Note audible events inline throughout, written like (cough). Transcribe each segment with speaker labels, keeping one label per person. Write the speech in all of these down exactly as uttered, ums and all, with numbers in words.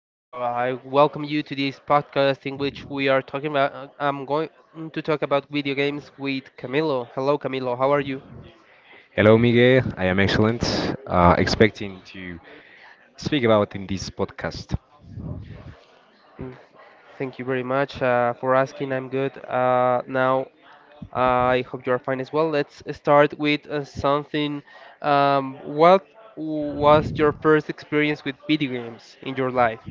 Speaker 1: Uh, I welcome you to this podcast in which we are talking about. I'm going to talk about video games with Camilo. Hello, Camilo. How are you?
Speaker 2: Hello, Miguel. I am excellent. Uh, expecting to speak about in this podcast.
Speaker 1: Mm, Thank you very much uh, for asking. I'm good. Uh, now, uh, I hope you are fine as well. Let's start with uh, something. Um, what was your first experience with video games in your life?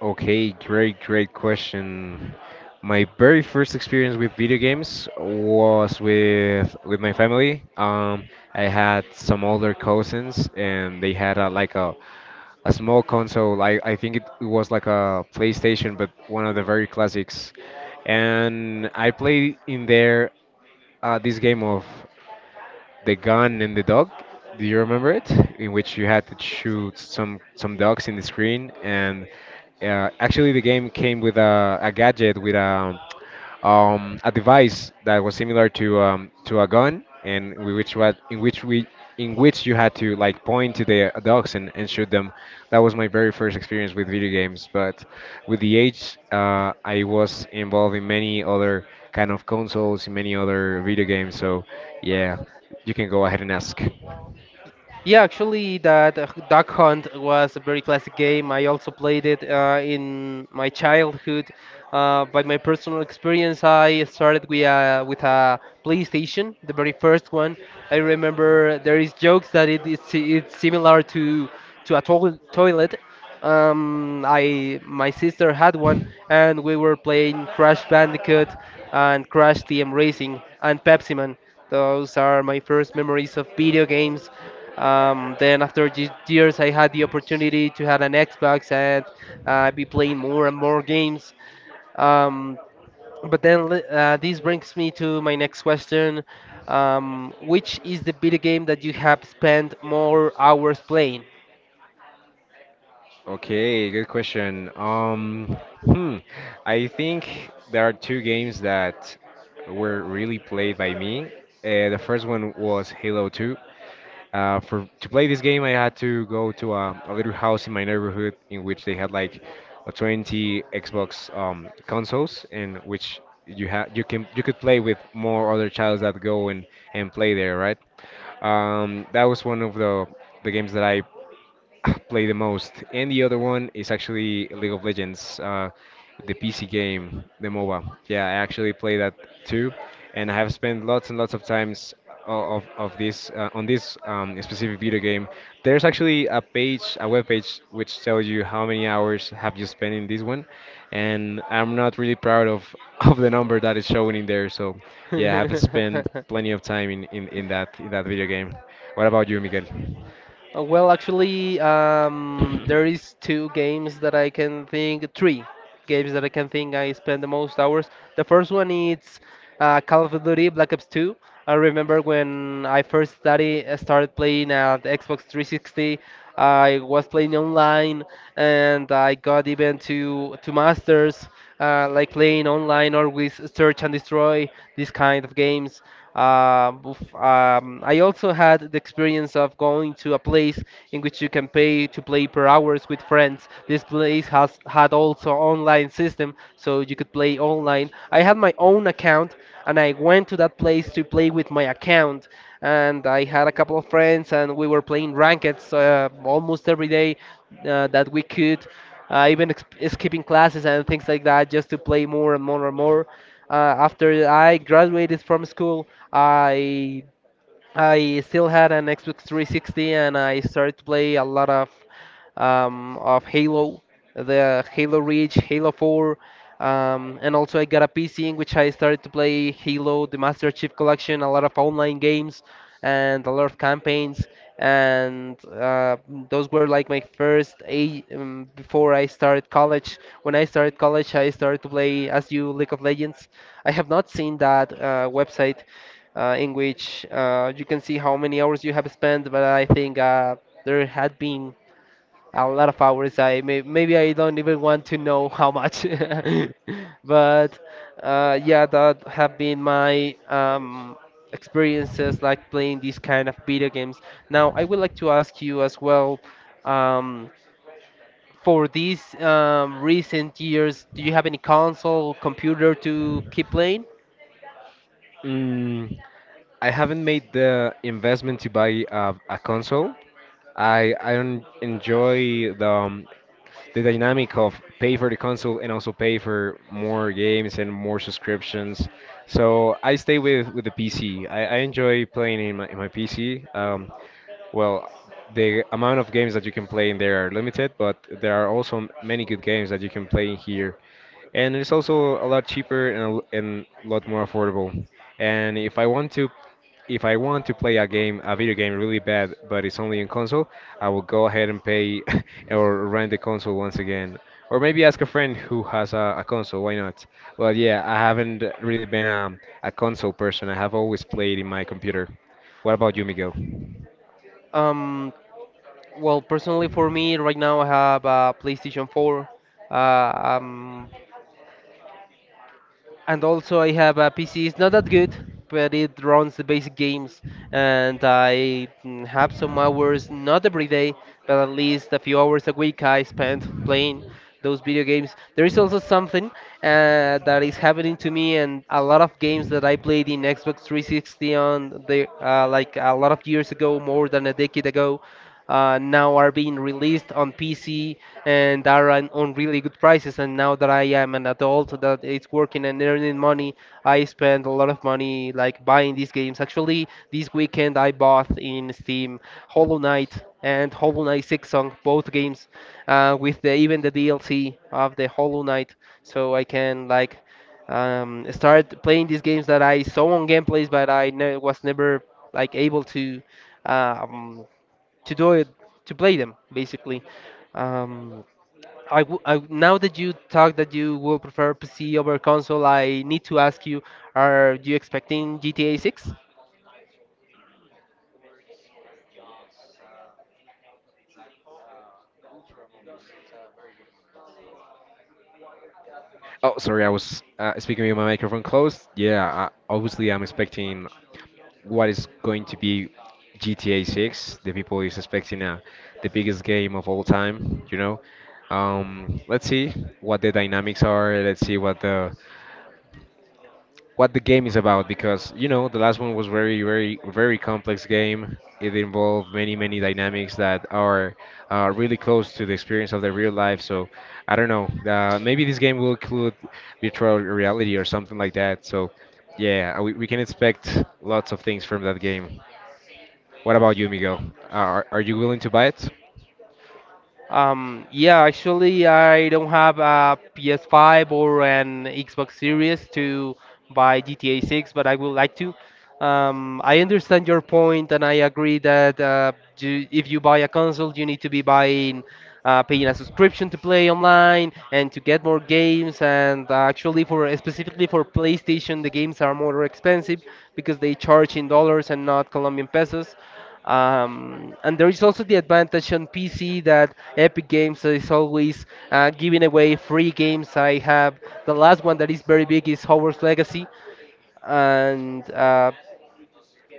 Speaker 2: Okay, great, great question. My very first experience with video games was with with my family. Um, I had some older cousins, and they had a, like a a small console. I I think it was like a PlayStation, but one of the very classics. And I played in there uh, this game of the gun and the dog. Do you remember it? In which you had to shoot some some dogs in the screen, and uh, actually the game came with a, a gadget with a um, a device that was similar to um, to a gun, and we- which was in which we in which you had to like point to the uh, dogs and, and shoot them. That was my very first experience with video games. But with the age, uh, I was involved in many other kind of consoles, in many other video games. So yeah, you can go ahead and ask.
Speaker 1: Yeah, actually, that uh, Duck Hunt was a very classic game. I also played it uh, in my childhood. Uh, by my personal experience, I started with a, with a PlayStation, the very first one. I remember there is jokes that it, it's, it's similar to to a toil toilet. Um, I my sister had one, and we were playing Crash Bandicoot and Crash Team Racing and Pepsi Man. Those are my first memories of video games. Um, then after these years, I had the opportunity to have an Xbox and uh, be playing more and more games. Um, but then li- uh, this brings me to my next question. Um, which is the video game that you have spent more hours playing?
Speaker 2: Okay, good question. Um, hmm, I think there are two games that were really played by me. Uh, the first one was Halo two. Uh, for to play this game, I had to go to a, a little house in my neighborhood in which they had like a twenty Xbox um, consoles, in which you had you can you could play with more other childs that go and and play there, right? Um, that was one of the the games that I (clears throat) play the most. And the other one is actually League of Legends, uh, the P C game, the MOBA. Yeah, I actually play that too, and I have spent lots and lots of times o- of of this uh, on this um, specific video game. There's actually a page, a web page, which tells you how many hours have you spent in this one, and I'm not really proud of (laughs) of the number that is showing in there. So yeah, I have spent
Speaker 1: (laughs)
Speaker 2: plenty of time in in, in that in that video game. What about you, Miguel?
Speaker 1: Uh, Well, actually, um, there is two games that I can think, three games that I can think I spend the most hours. The first one is uh, Call of Duty Black Ops two. I remember when I first study, uh, started playing at Xbox three sixty. I was playing online, and I got even to to masters, uh, like playing online or with Search and Destroy, these kind of games. Um, bef- um, I also had the experience of going to a place in which you can pay to play per hours with friends. This place has had also online system, so you could play online. I had my own account, and I went to that place to play with my account. And I had a couple of friends, and we were playing rankets uh, almost every day uh, that we could uh, even ex- skipping classes and things like that just to play more and more and more. Uh, after I graduated from school, I I still had an Xbox three sixty and I started to play a lot of um, of Halo, the Halo Reach, Halo four, um, and also I got a P C in which I started to play Halo, the Master Chief Collection, a lot of online games, and a lot of campaigns, and uh, those were like my first a um, before I started college. When I started college, I started to play as you League of Legends. I have not seen that uh, website, uh, in which uh, you can see how many hours you have spent. But I think uh, there had been a lot of hours. I may, maybe I don't even want to know how much. (laughs) But uh, yeah, that have been my um, experiences like playing these kind of video games. Now I would like to ask you as well. Um, for these um, recent years, do you have any console, computer to keep playing?
Speaker 2: Mm, I haven't made the investment to buy a, a console. I I don't enjoy the um, the dynamic of pay for the console and also pay for more games and more subscriptions. So I stay with with the P C. I, I enjoy playing in my in my P C. Um, well, the amount of games that you can play in there are limited, but there are also many good games that you can play in here and it's also a lot cheaper and a, l- and a lot more affordable. And if I want to, if I want to play a game, a video game really bad, but it's only in console, I will go ahead and pay (laughs) or rent the console once again, or maybe ask a friend who has a, a console. Why not? Well, yeah, I haven't really been a, a console person. I have always played in my computer. What about you, Miguel?
Speaker 1: Um, Well, personally for me right now I have a PlayStation four, uh, um, and also I have a P C. It's not that good, but it runs the basic games, and I mm, have some hours, not every day, but at least a few hours a week I spend playing those video games. There is also something uh, that is happening to me, and a lot of games that I played in Xbox three sixty on the uh, like a lot of years ago, more than a decade ago uh, now are being released on P C and are on, on really good prices. And now that I am an adult that is working and earning money, I spend a lot of money like buying these games. Actually, this weekend I bought in Steam Hollow Knight and Hollow Knight Six Song, both games, uh, with the, even the D L C of the Hollow Knight, so I can like um, start playing these games that I saw on gameplays, but I ne- was never like able to uh, um, to do it to play them basically. Um, I, w- I now that you talk that you will prefer P C over console, I need to ask you: are you expecting G T A six?
Speaker 2: Oh, sorry, I was uh, speaking with my microphone closed. Yeah, I, obviously I'm expecting what is going to be G T A six. The people is expecting uh, the biggest game of all time, you know. Um, let's see what the dynamics are. Let's see what the what the game is about because you know the last one was very very very complex game. It involved many many dynamics that are uh, really close to the experience of the real life. So I don't know. Uh, maybe this game will include virtual reality or something like that. So yeah, we, we can expect lots of things from that game. What about you, Miguel? Are, are you willing to buy it?
Speaker 1: Um, yeah, actually, I don't have a P S five or an Xbox Series to buy G T A six, but I would like to. Um, I understand your point, and I agree that uh, you, if you buy a console, you need to be buying, uh, paying a subscription to play online and to get more games. And uh, actually, for specifically for PlayStation, the games are more expensive because they charge in dollars and not Colombian pesos. Um, and there is also the advantage on P C that Epic Games is always uh, giving away free games. I have the last one that is very big is Hogwarts Legacy, and uh,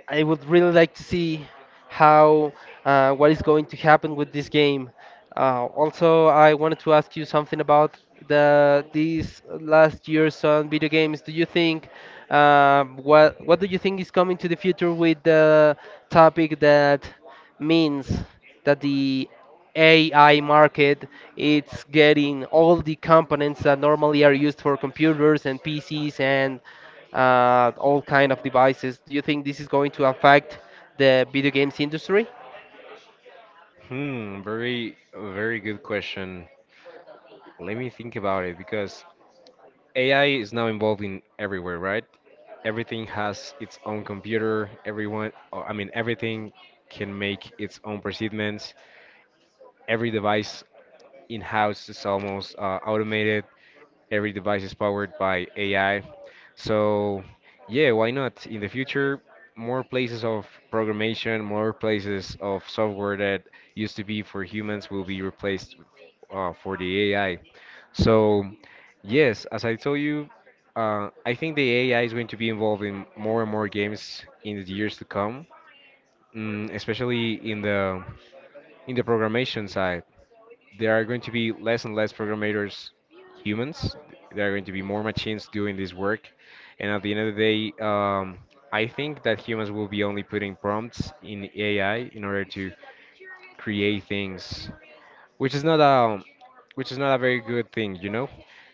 Speaker 1: I would really like to see how uh, what is going to happen with this game. Uh, also, I wanted to ask you something about the these last years on video games. Do you think um, what what do you think is coming to the future with the topic that? Means that the A I market it's getting all the components that normally are used for computers and P Cs and uh, all kind of devices. Do you think this is going to affect the video games industry?
Speaker 2: Hmm, very, very good question. Let me think about it because A I is now involved in everywhere, right? Everything has its own computer. Everyone, or, I mean, everything can make its own procedures. Every device in-house is almost uh, automated. Every device is powered by A I. So, yeah, why not? In the future, more places of programmation, more places of software that used to be for humans will be replaced uh, for the A I. So, yes, as I told you, uh, I think the A I is going to be involved in more and more games in the years to come, mm, especially in the in the programmation side there are going to be less and less programmers humans. There are going to be more machines doing this work. And at the end of the day, um, I think that humans will be only putting prompts in A I in order to create things, which is not a, which is not a very good thing, you know.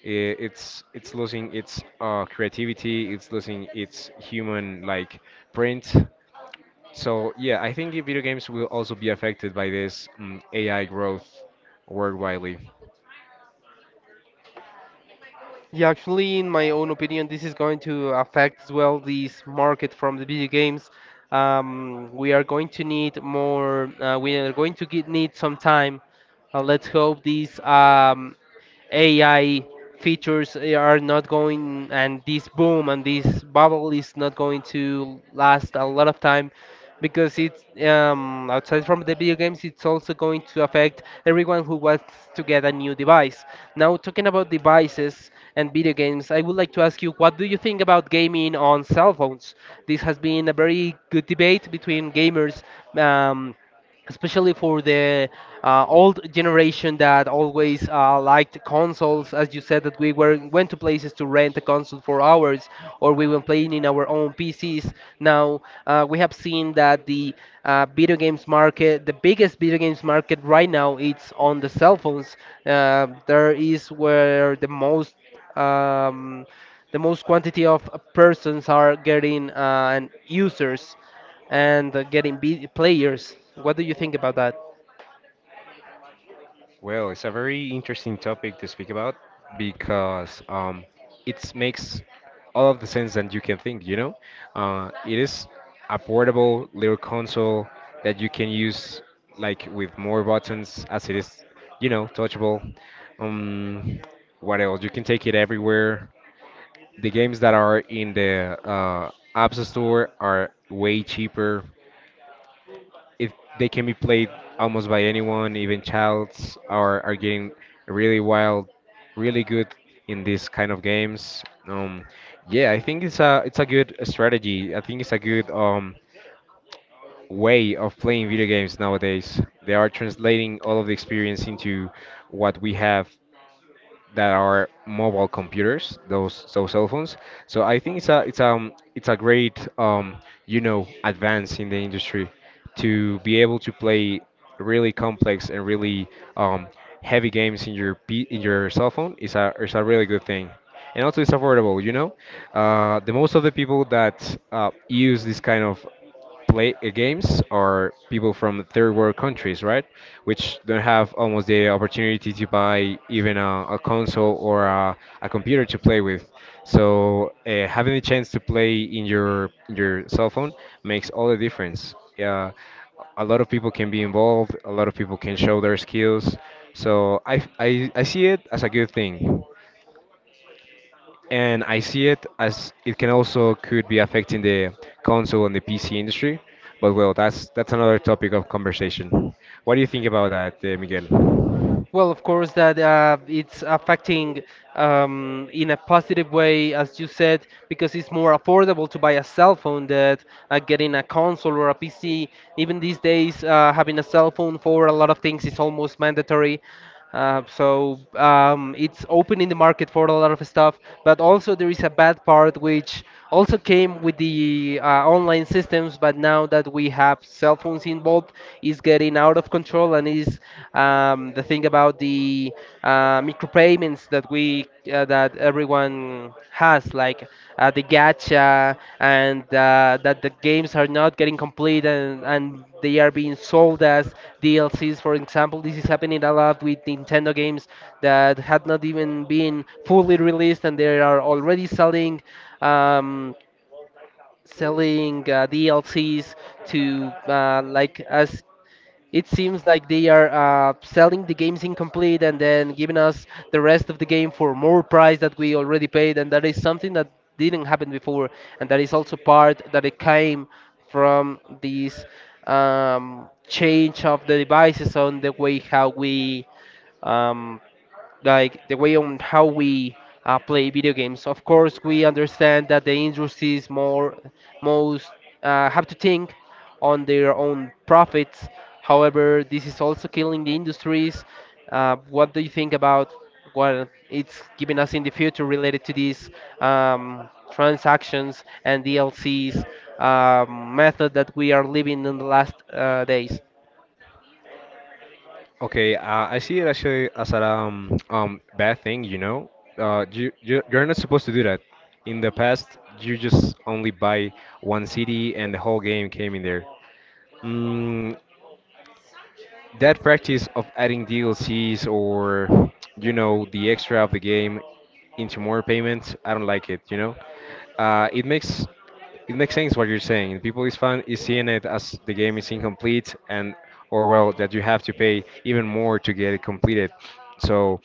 Speaker 2: I- It's it's losing its uh, creativity. It's losing its human like print. So yeah, I think video games will also be affected by this um, A I growth worldwide.
Speaker 1: Yeah, actually, in my own opinion, this is going to affect as well this market from the video games. Um, we are going to need more. Uh, we are going to get, need some time. Uh, let's hope this um, A I features eh, are not going, and this boom and this bubble is not going to last a lot of time because it's um, outside from the video games, it's also going to affect everyone who wants to get a new device. Now, talking about devices and video games, I would like to ask you what do you think about gaming on cell phones? This has been a very good debate between gamers. Um, Especially for the uh, old generation that always uh, liked consoles as you said that we were went to places to rent a console for hours or we were playing in our own pcs now uh, we have seen that the uh, video games market the biggest video games market right now it's on the cell phones uh, There is where the most um, the most quantity of persons are getting uh, and users and uh, getting be- players. What do you think about that?
Speaker 2: Well, it's a very interesting topic to speak about because um, it makes all of the sense that you can think, you know? Uh, it is a portable little console that you can use like with more buttons as it is, you know, touchable. Um, what else? You can take it everywhere. The games that are in the uh, App Store are way cheaper it they can be played almost by anyone, even childs are are getting really wild, really good in these kind of games. Um, yeah, I think it's a it's a good strategy. I think it's a good um way of playing video games nowadays. They are translating all of the experience into what we have that are mobile computers, those those cell phones. So I think it's a it's um it's a great um you know advance in the industry to be able to play really complex and really um heavy games in your P in your cell phone is a is a really good thing. And also it's affordable, you know. Uh, the most of the people that uh, use this kind of play uh, games are people from third world countries, right? Which don't have almost the opportunity to buy even a, a console or a, a computer to play with. So uh, having the chance to play in your in your cell phone makes all the difference. Uh, a lot of people can be involved. A lot of people can show their skills. So I, I, I see it as a good thing and I see it as it can also could be affecting the console and the P C industry. But well, that's that's another topic of conversation. What do you think about that, uh, Miguel?
Speaker 1: Well, of course, that uh, it's affecting um, in a positive way, as you said, because it's more affordable to buy a cell phone than uh, getting a console or a P C. Even these days, uh, having a cell phone for a lot of things is almost mandatory. Uh, so um, it's open in the market for a lot of stuff, but also there is a bad part which also came with the uh, online systems, but now that we have cell phones involved, is getting out of control and is um, the thing about the uh, micropayments that we uh, that that everyone has, like uh, the gacha, and uh, that the games are not getting complete and, and they are being sold as D L Cs. For example, this is happening a lot with Nintendo games that had not even been fully released and they are already selling. Um, selling uh, D L Cs to uh, like as it seems like they are uh, selling the games incomplete and then giving us the rest of the game for more price that we already paid and that is something that didn't happen before and that is also part that it came from this um, change of the devices on the way how we um, like the way on how we uh, play video games. Of course, we understand that the industries more most uh, have to think on their own profits. However, this is also killing the industries. Uh, what do you think about what it's giving us in the future related to these um, transactions and D L Cs um, method that we are living in the last uh, days?
Speaker 2: Okay, uh, I see it actually as a um, um bad thing, you know. Uh, you you- you're not supposed to do that. In the past, you just only buy one C D and the whole game came in there. Mm, that practice of adding D L Cs or you know the extra of the game into more payments, I don't like it. You know, uh, it makes it makes sense what you're saying. People is fun is seeing it as the game is incomplete and or well that you have to pay even more to get it completed. So.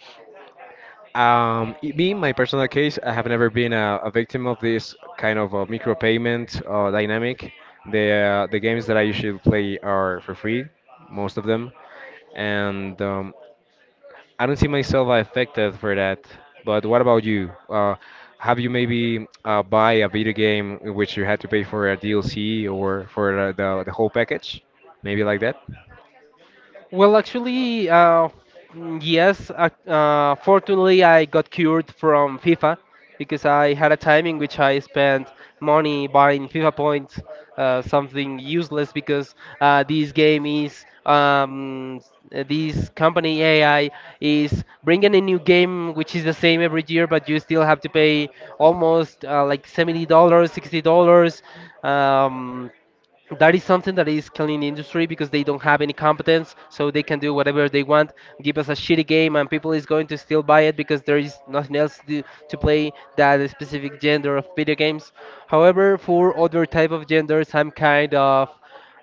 Speaker 2: Um, it- me, in my personal case, I have never been a, a victim of this kind of a micropayment uh, dynamic. The uh, the games that I usually play are for free, most of them and um, I don't see myself affected for that. But what about you? Uh, have you maybe uh, buy a video game in which you had to pay for a D L C or for the, the, the whole package? Maybe like that?
Speaker 1: Well, actually, uh, mm, yes. Uh, uh, fortunately, I got cured from FIFA because I had a time in which I spent money buying FIFA points, uh, something useless because uh, this game is um, s- uh, this company A I is bringing a new game which is the same every year, but you still have to pay almost uh, like seventy dollars, sixty dollars. Um, that is something that is killing the industry because they don't have any competence, so they can do whatever they want. Give us a shitty game, and people is going to still buy it because there is nothing else to, to play that specific gender of video games. However, for other type of genders, I'm kind of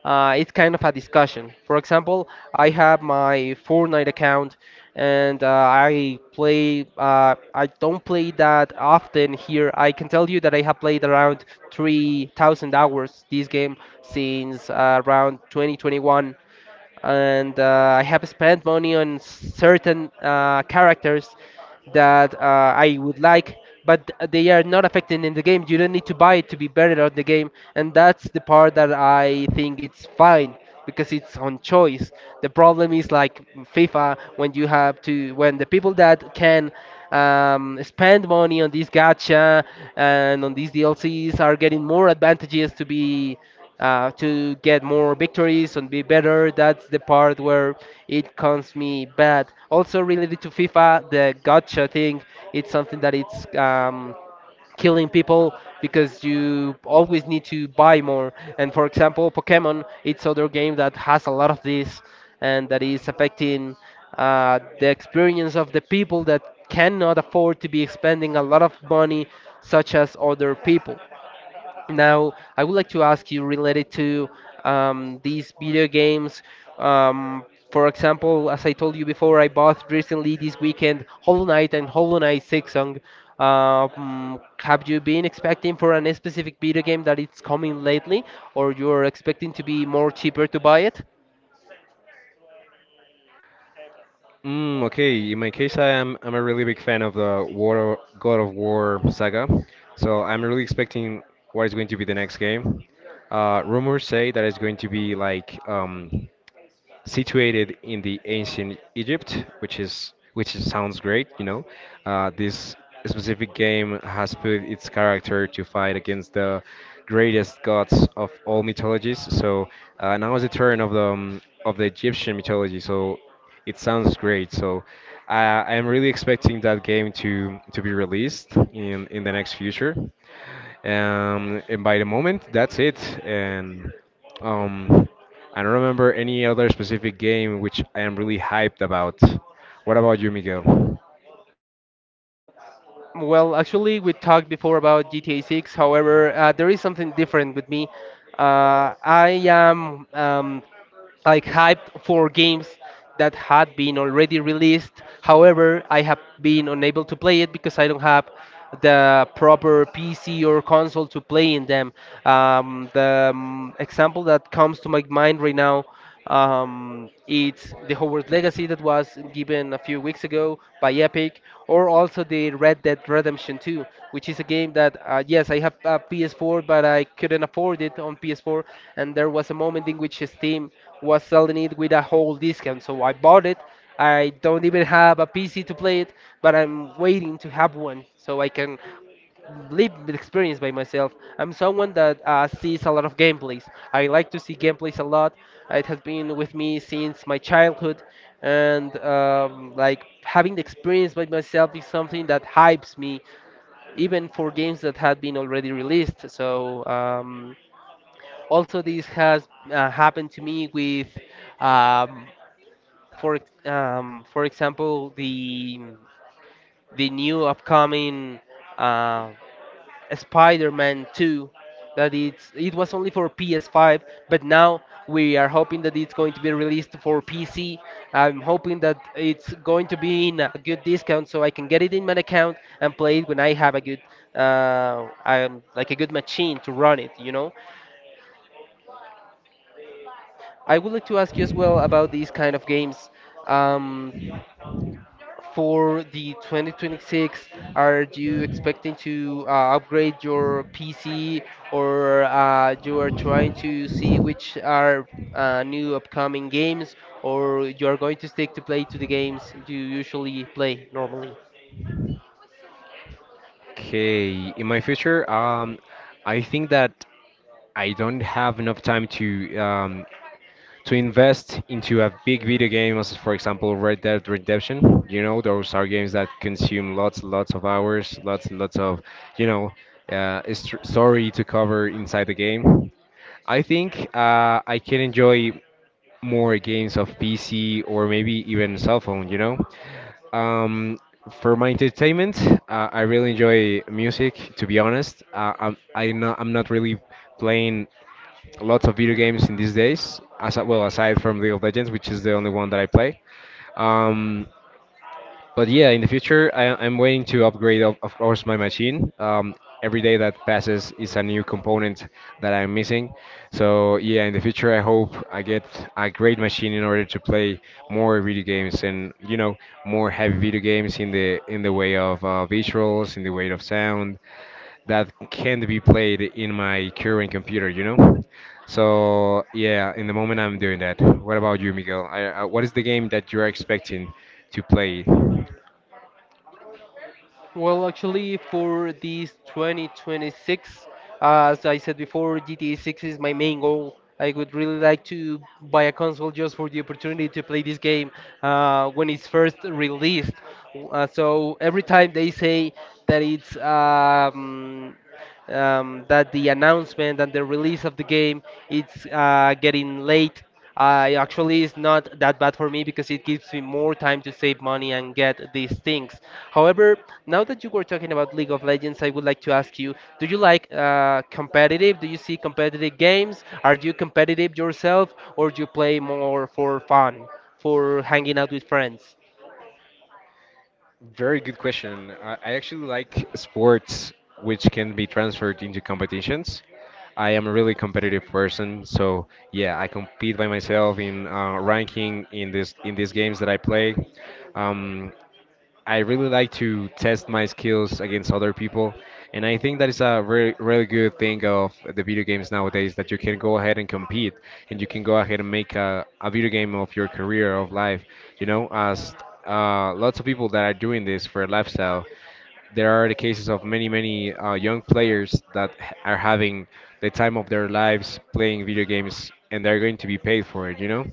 Speaker 1: uh, it's kind of a discussion. For example, I have my Fortnite account, and uh, I play. Uh, I don't play that often here. I can tell you that I have played around three thousand hours this game since uh, around twenty twenty-one and uh, I have spent money on certain uh, characters that uh, I would like, but they are not affected in the game. You don't need to buy it to be better at the game, and that's the part that I think it's fine because it's on choice. The problem is like FIFA when you have to when the people that can um, spend money on these gacha and on these D L Cs are getting more advantages to be uh, to get more victories and be better. That's the part where it comes me bad. Also related to FIFA, the gotcha thing, it's something that it's um, killing people because you always need to buy more. And for example, Pokemon, it's other game that has a lot of this and that is affecting uh, the experience of the people that cannot afford to be expending a lot of money such as other people. Now, I would like to ask you related to um, these video games. Um, for example, as I told you before, I bought recently this weekend Hollow Knight and Hollow Knight Six. Um, have you been expecting for any specific video game that it's coming lately, or you're expecting to be more cheaper to buy it?
Speaker 2: Mm, okay, in my case, I am I'm a really big fan of the War God of War saga, so I'm really expecting what is going to be the next game. Uh, rumors say that it's going to be like um, situated in the ancient Egypt, which is which is- sounds great, you know. Uh, this specific game has put its character to fight against the greatest gods of all mythologies. So uh, now is the turn of the um, of the Egyptian mythology. So it sounds great. So I I am really expecting that game to to be released in in the next future. Um, and by the moment, that's it. And um, I don't remember any other specific game which I am really hyped about. What about you, Miguel?
Speaker 1: Well, actually, we talked before about G T A six. However, uh, there is something different with me. Uh, I am um, like hyped for games that had been already released. However, I have been unable to play it because I don't have the proper P C or console to play in them. Um, the um, example that comes to my mind right now um, it's the Hogwarts Legacy that was given a few weeks ago by Epic, or also the Red Dead Redemption two, which is a game that, uh, yes, I have a P S four, but I couldn't afford it on P S four, and there was a moment in which Steam was selling it with a whole discount. So I bought it. I don't even have a P C to play it, but I'm waiting to have one so I can live the experience by myself. I'm someone that uh, sees a lot of gameplays. I like to see gameplays a lot. It has been with me since my childhood, and um, like having the experience by myself is something that hypes me, even for games that had been already released. So um, also, this has uh, happened to me with, um, for um, for example, the the new upcoming uh, Spider-Man two that it's it was only for P S five, but now we are hoping that it's going to be released for P C. I'm hoping that it's going to be in a good discount so I can get it in my account and play it when I have a good uh, um, like a good machine to run it, you know. I would like to ask you as well about these kind of games. Um, for the twenty twenty-six, are you expecting to uh, upgrade your P C or uh, you are trying to see which are uh, new upcoming games or you are going to stick to play to the games you usually play normally?
Speaker 2: Okay, in my future, um, I think that I don't have enough time to um, to invest into a big video game, as for example Red Dead Redemption. You know, those are games that consume lots, lots of hours, lots, lots of, you know, uh, str- story to cover inside the game. I think uh, I can enjoy more games of P C or maybe even cell phone, you know? Um, for my entertainment, uh, I really enjoy music, to be honest. Uh, I'm, I not, I'm not really playing lots of video games in these days, as well aside from League of Legends, which is the only one that I play. Um, but yeah, in the future, I, I'm waiting to upgrade, of, of course, my machine. Um, every day that passes is a new component that I'm missing. So yeah, in the future, I hope I get a great machine in order to play more video games and you know more heavy video games in the in the way of uh, visuals, in the way of sound that can't be played in my current computer. You know. So yeah, in the moment, I'm doing that. What about you, Miguel? I, uh, what is the game that you're expecting to play?
Speaker 1: Well, actually, for this twenty twenty-six, as I said before, G T A six is my main goal. I would really like to buy a console just for the opportunity to play this game uh, when it's first released. Uh, so every time they say that it's um, um, that the announcement and the release of the game it's uh, getting late. Uh, actually, it's not that bad for me because it gives me more time to save money and get these things. However, now that you were talking about League of Legends, I would like to ask you: Do you like uh, competitive? Do you see competitive games? Are you competitive yourself, or do you play more for fun, for hanging out with friends?
Speaker 2: Very good question. I I actually like sports which can be transferred into competitions. I am a really competitive person, so yeah, I compete by myself in uh, ranking in this in these games that I play. Um, I really like to test my skills against other people, and I think that is a really, really good thing of the video games nowadays that you can go ahead and compete, and you can go ahead and make a, a video game of your career of life. You know, as uh, lots of people that are doing this for a lifestyle, there are the cases of many, many uh, young players that h- are having the time of their lives playing video games, and they're going to be paid for it. You know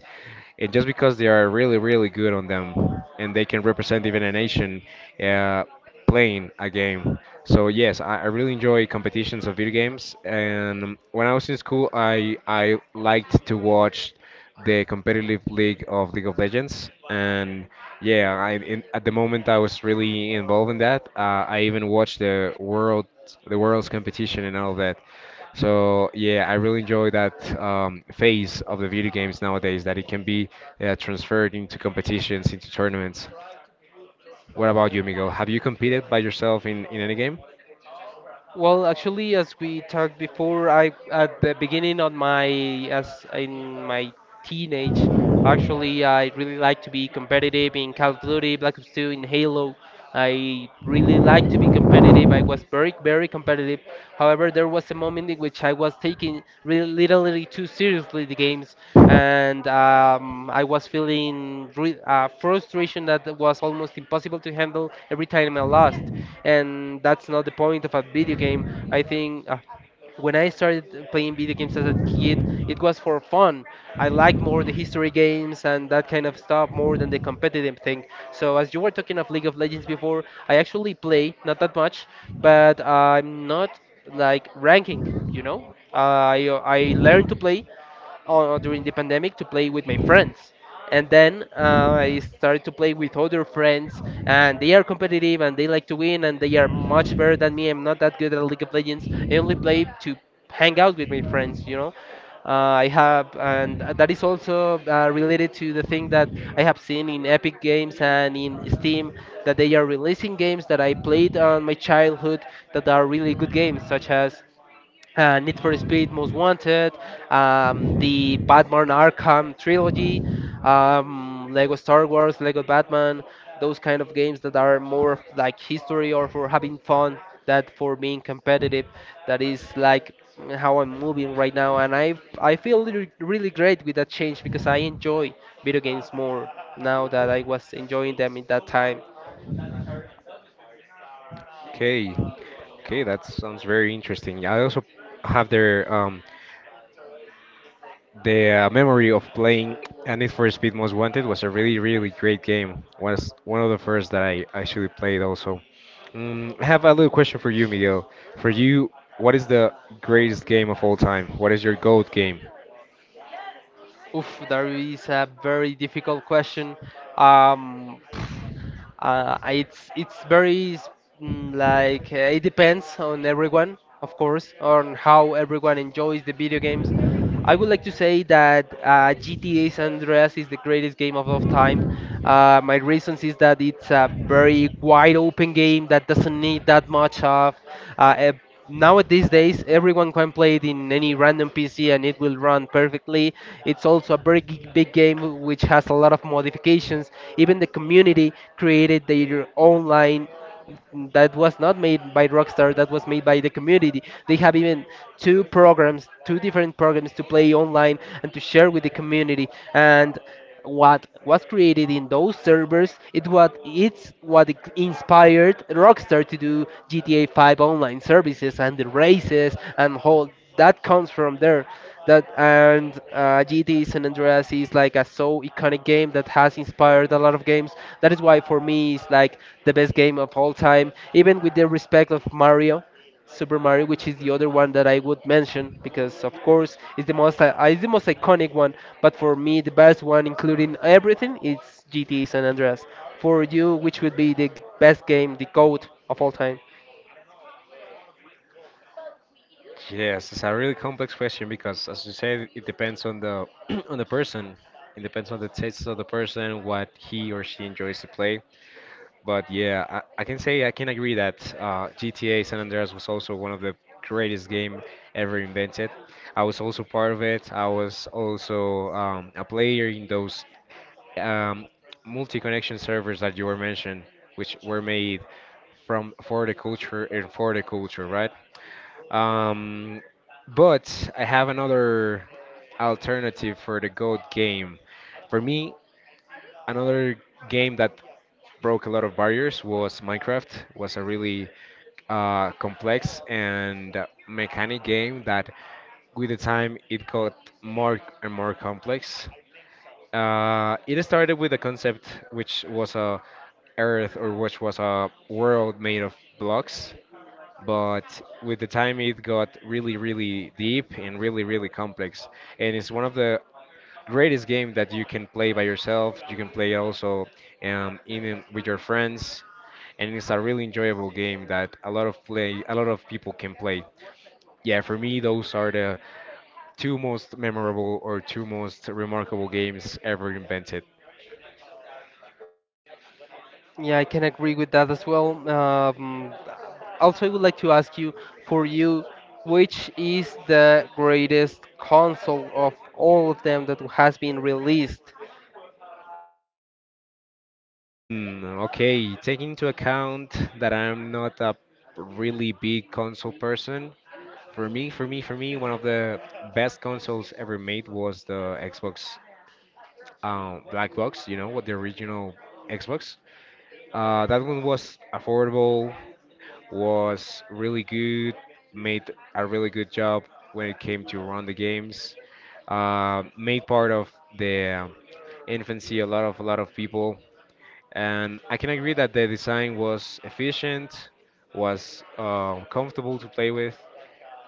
Speaker 2: uh, just because they are really, really good on them and they can represent even a nation uh, playing a game. So yes, I, I really enjoy competitions of video games. And um, when I was in school, I I liked to watch the competitive league of League of Legends. And yeah, I in, at the moment I was really involved in that. Uh, I even watched the world the world's competition and all that. So yeah, I really enjoy that um, phase of the video games nowadays that it can be uh, transferred into competitions, into tournaments. What about you, Miguel? Have you competed by yourself in, in any game?
Speaker 1: Well, actually, as we talked before, I at the beginning on my as in my teenage, actually, I really like to be competitive in Call of Duty, Black Ops two, in Halo. I really like to be competitive. I was very, very competitive. However, there was a moment in which I was taking really literally too seriously the games, and um, I was feeling re uh, frustration that was almost impossible to handle every time I lost. And that's not the point of a video game. I think uh, when I started playing video games as a kid, it was for fun. I liked more the history games and that kind of stuff more than the competitive thing. So, as you were talking of League of Legends before, I actually play, not that much, but I'm not like ranking, you know? Uh, I, I learned to play, uh, during the pandemic to play with my friends. And then uh, I started to play with other friends, and they are competitive and they like to win, and they are much better than me. I'm not that good at League of Legends. I only play to hang out with my friends, you know. Uh, I have, and that is also uh, related to the thing that I have seen in Epic Games and in Steam that they are releasing games that I played on my childhood that are really good games, such as uh, Need for Speed Most Wanted, um, the Batman Arkham trilogy, um, Lego Star Wars, Lego Batman, those kind of games that are more of like history or for having fun that for being competitive. That is like how I'm moving right now, and I I feel really, really great with that change because I enjoy video games more now that I was enjoying them in that time.
Speaker 2: Okay, okay, that sounds very interesting. I also have their um, The uh, memory of playing a Need for Speed Most Wanted was a really, really great game. Was one of the first that I actually played also. Mm, I have a little question for you, Miguel. For you, what is the greatest game of all time? What is your GOAT game?
Speaker 1: Oof, that is a very difficult question. Um, pff, uh, it's it's very s- mm, like uh, it depends on everyone, of course, on how everyone enjoys the video games. I would like to say that uh, G T A San Andreas is the greatest game of all time. Uh, my reasons is that it's a very wide open game that doesn't need that much of uh, a nowadays days everyone can play it in any random PC and it will run perfectly. It's also a very gi- big game which has a lot of modifications. Even the community created their own line that was not made by Rockstar, that was made by the community. They have even two programs, two different programs to play online and to share with the community. And what was created in those servers it what it's what I- inspired Rockstar to do G T A five online services and the races and whole that comes from there. That and uh, G T A San Andreas is like a so iconic game that has inspired a lot of games. That is why for me it's like the best game of all time, even with the respect of Mario, Super Mario, which is the other one that I would mention because, of course, it's the most uh, it's the most iconic one. But for me, the best one, including everything, it's G T A San Andreas. For you, which would be the g- best game, the GOAT of all time?
Speaker 2: Yes, it's a really complex question because, as you said, it depends on the (clears throat) on the person. It depends on the tastes of the person, what he or she enjoys to play. But yeah, I, I can say I can agree that uh, G T A San Andreas was also one of the greatest game ever invented. I was also part of it. I was also um, a player in those um, multi-connection servers that you were mentioned, which were made from for the culture and for the culture, right? Um, but I have another alternative for the GOAT game. For me, another game that broke a lot of barriers was Minecraft. Was a really uh, complex and mechanic game that, with the time, it got more and more complex. Uh, it started with a concept which was a Earth or which was a world made of blocks, but with the time it got really, really deep and really, really complex. And it's one of the greatest game that you can play by yourself. You can play also um, in with your friends, and it's a really enjoyable game that a lot of play a lot of people can play. Yeah, for me those are the two most memorable or two most remarkable games ever invented.
Speaker 1: Yeah, I can agree with that as well. Um, also, I would like to ask you, for you, which is the greatest console of all of them that has been released?
Speaker 2: Hmm, okay, taking into account that I'm not a really big console person. For me, for me, for me, one of the best consoles ever made was the Xbox um, black box, you know, what the original Xbox. Uh, that one was affordable, was really good, made a really good job when it came to run the games. Uh, made part of the infancy a lot of a lot of people, and I can agree that the design was efficient, was uh, comfortable to play with.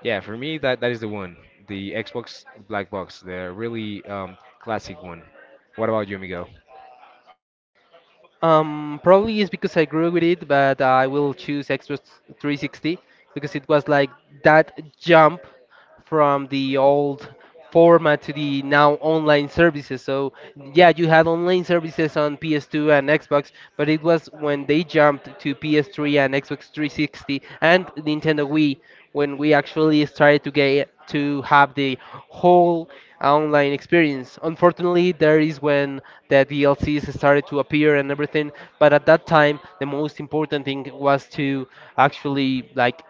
Speaker 2: Yeah, for me that that is the one, the Xbox Black Box, the really um, classic one. What about you, Miguel?
Speaker 1: Um, probably is because I grew with it, but I will choose Xbox three sixty because it was like that jump from the old format to the now online services. So yeah, you had online services on P S two and Xbox, but it was when they jumped to P S three and Xbox three sixty and Nintendo Wii when we actually started to get to have the whole online experience. Unfortunately, there is when the D L Cs started to appear and everything, but at that time, the most important thing was to actually like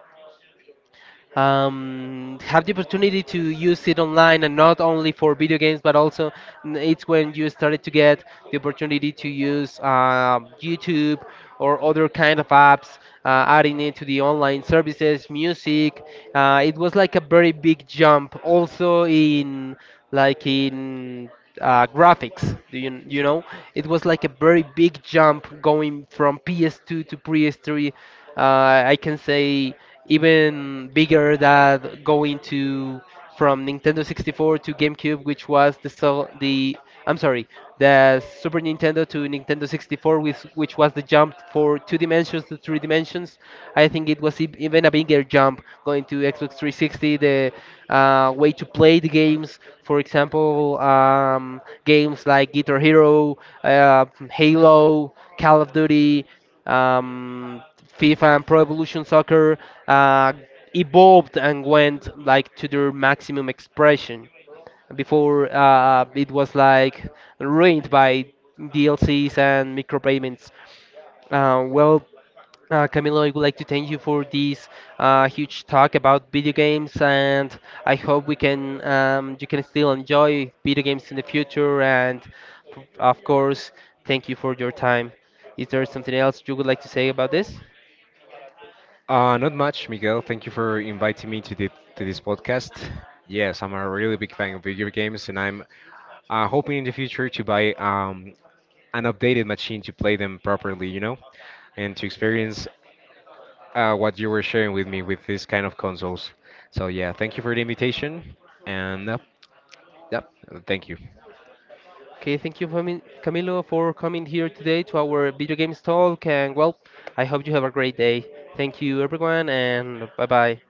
Speaker 1: um, have the opportunity to use it online and not only for video games but also n- it's when you started to get the opportunity to use um YouTube or other kind of apps uh, adding it to the online services, music. uh, it was like a very big jump also in like in uh, graphics do you, you know, it was like a very big jump going from P S two to P S three. uh, I can say even bigger than going to from Nintendo sixty-four to GameCube, which was the sol- the I'm sorry, the Super Nintendo to Nintendo sixty-four, which which was the jump for two dimensions to three dimensions. I think it was e- even a bigger jump going to Xbox three sixty. The uh, way to play the games, for example, um, games like Guitar Hero, uh, Halo, Call of Duty. Um, FIFA and Pro Evolution Soccer uh, evolved and went like to their maximum expression. Before uh, it was like ruined by D L Cs and micropayments. Uh, well, uh, Camilo, I would like to thank you for this uh, huge talk about video games, and I hope we can um, you can still enjoy video games in the future. And of course, thank you for your time. Is there something else you would like to say about this?
Speaker 2: Uh, not much, Miguel. Thank you for inviting me to the to this podcast. Yes, I'm a really big fan of video games, and I'm uh, hoping in the future to buy um, an updated machine to play them properly, you know, and to experience uh, what you were sharing with me with this kind of consoles. So yeah, thank you for the invitation, and uh, yep, thank you.
Speaker 1: Okay, thank you, Fami- Camilo, for coming here today to our video games talk. And well, I hope you have a great day. Thank you, everyone, and bye bye.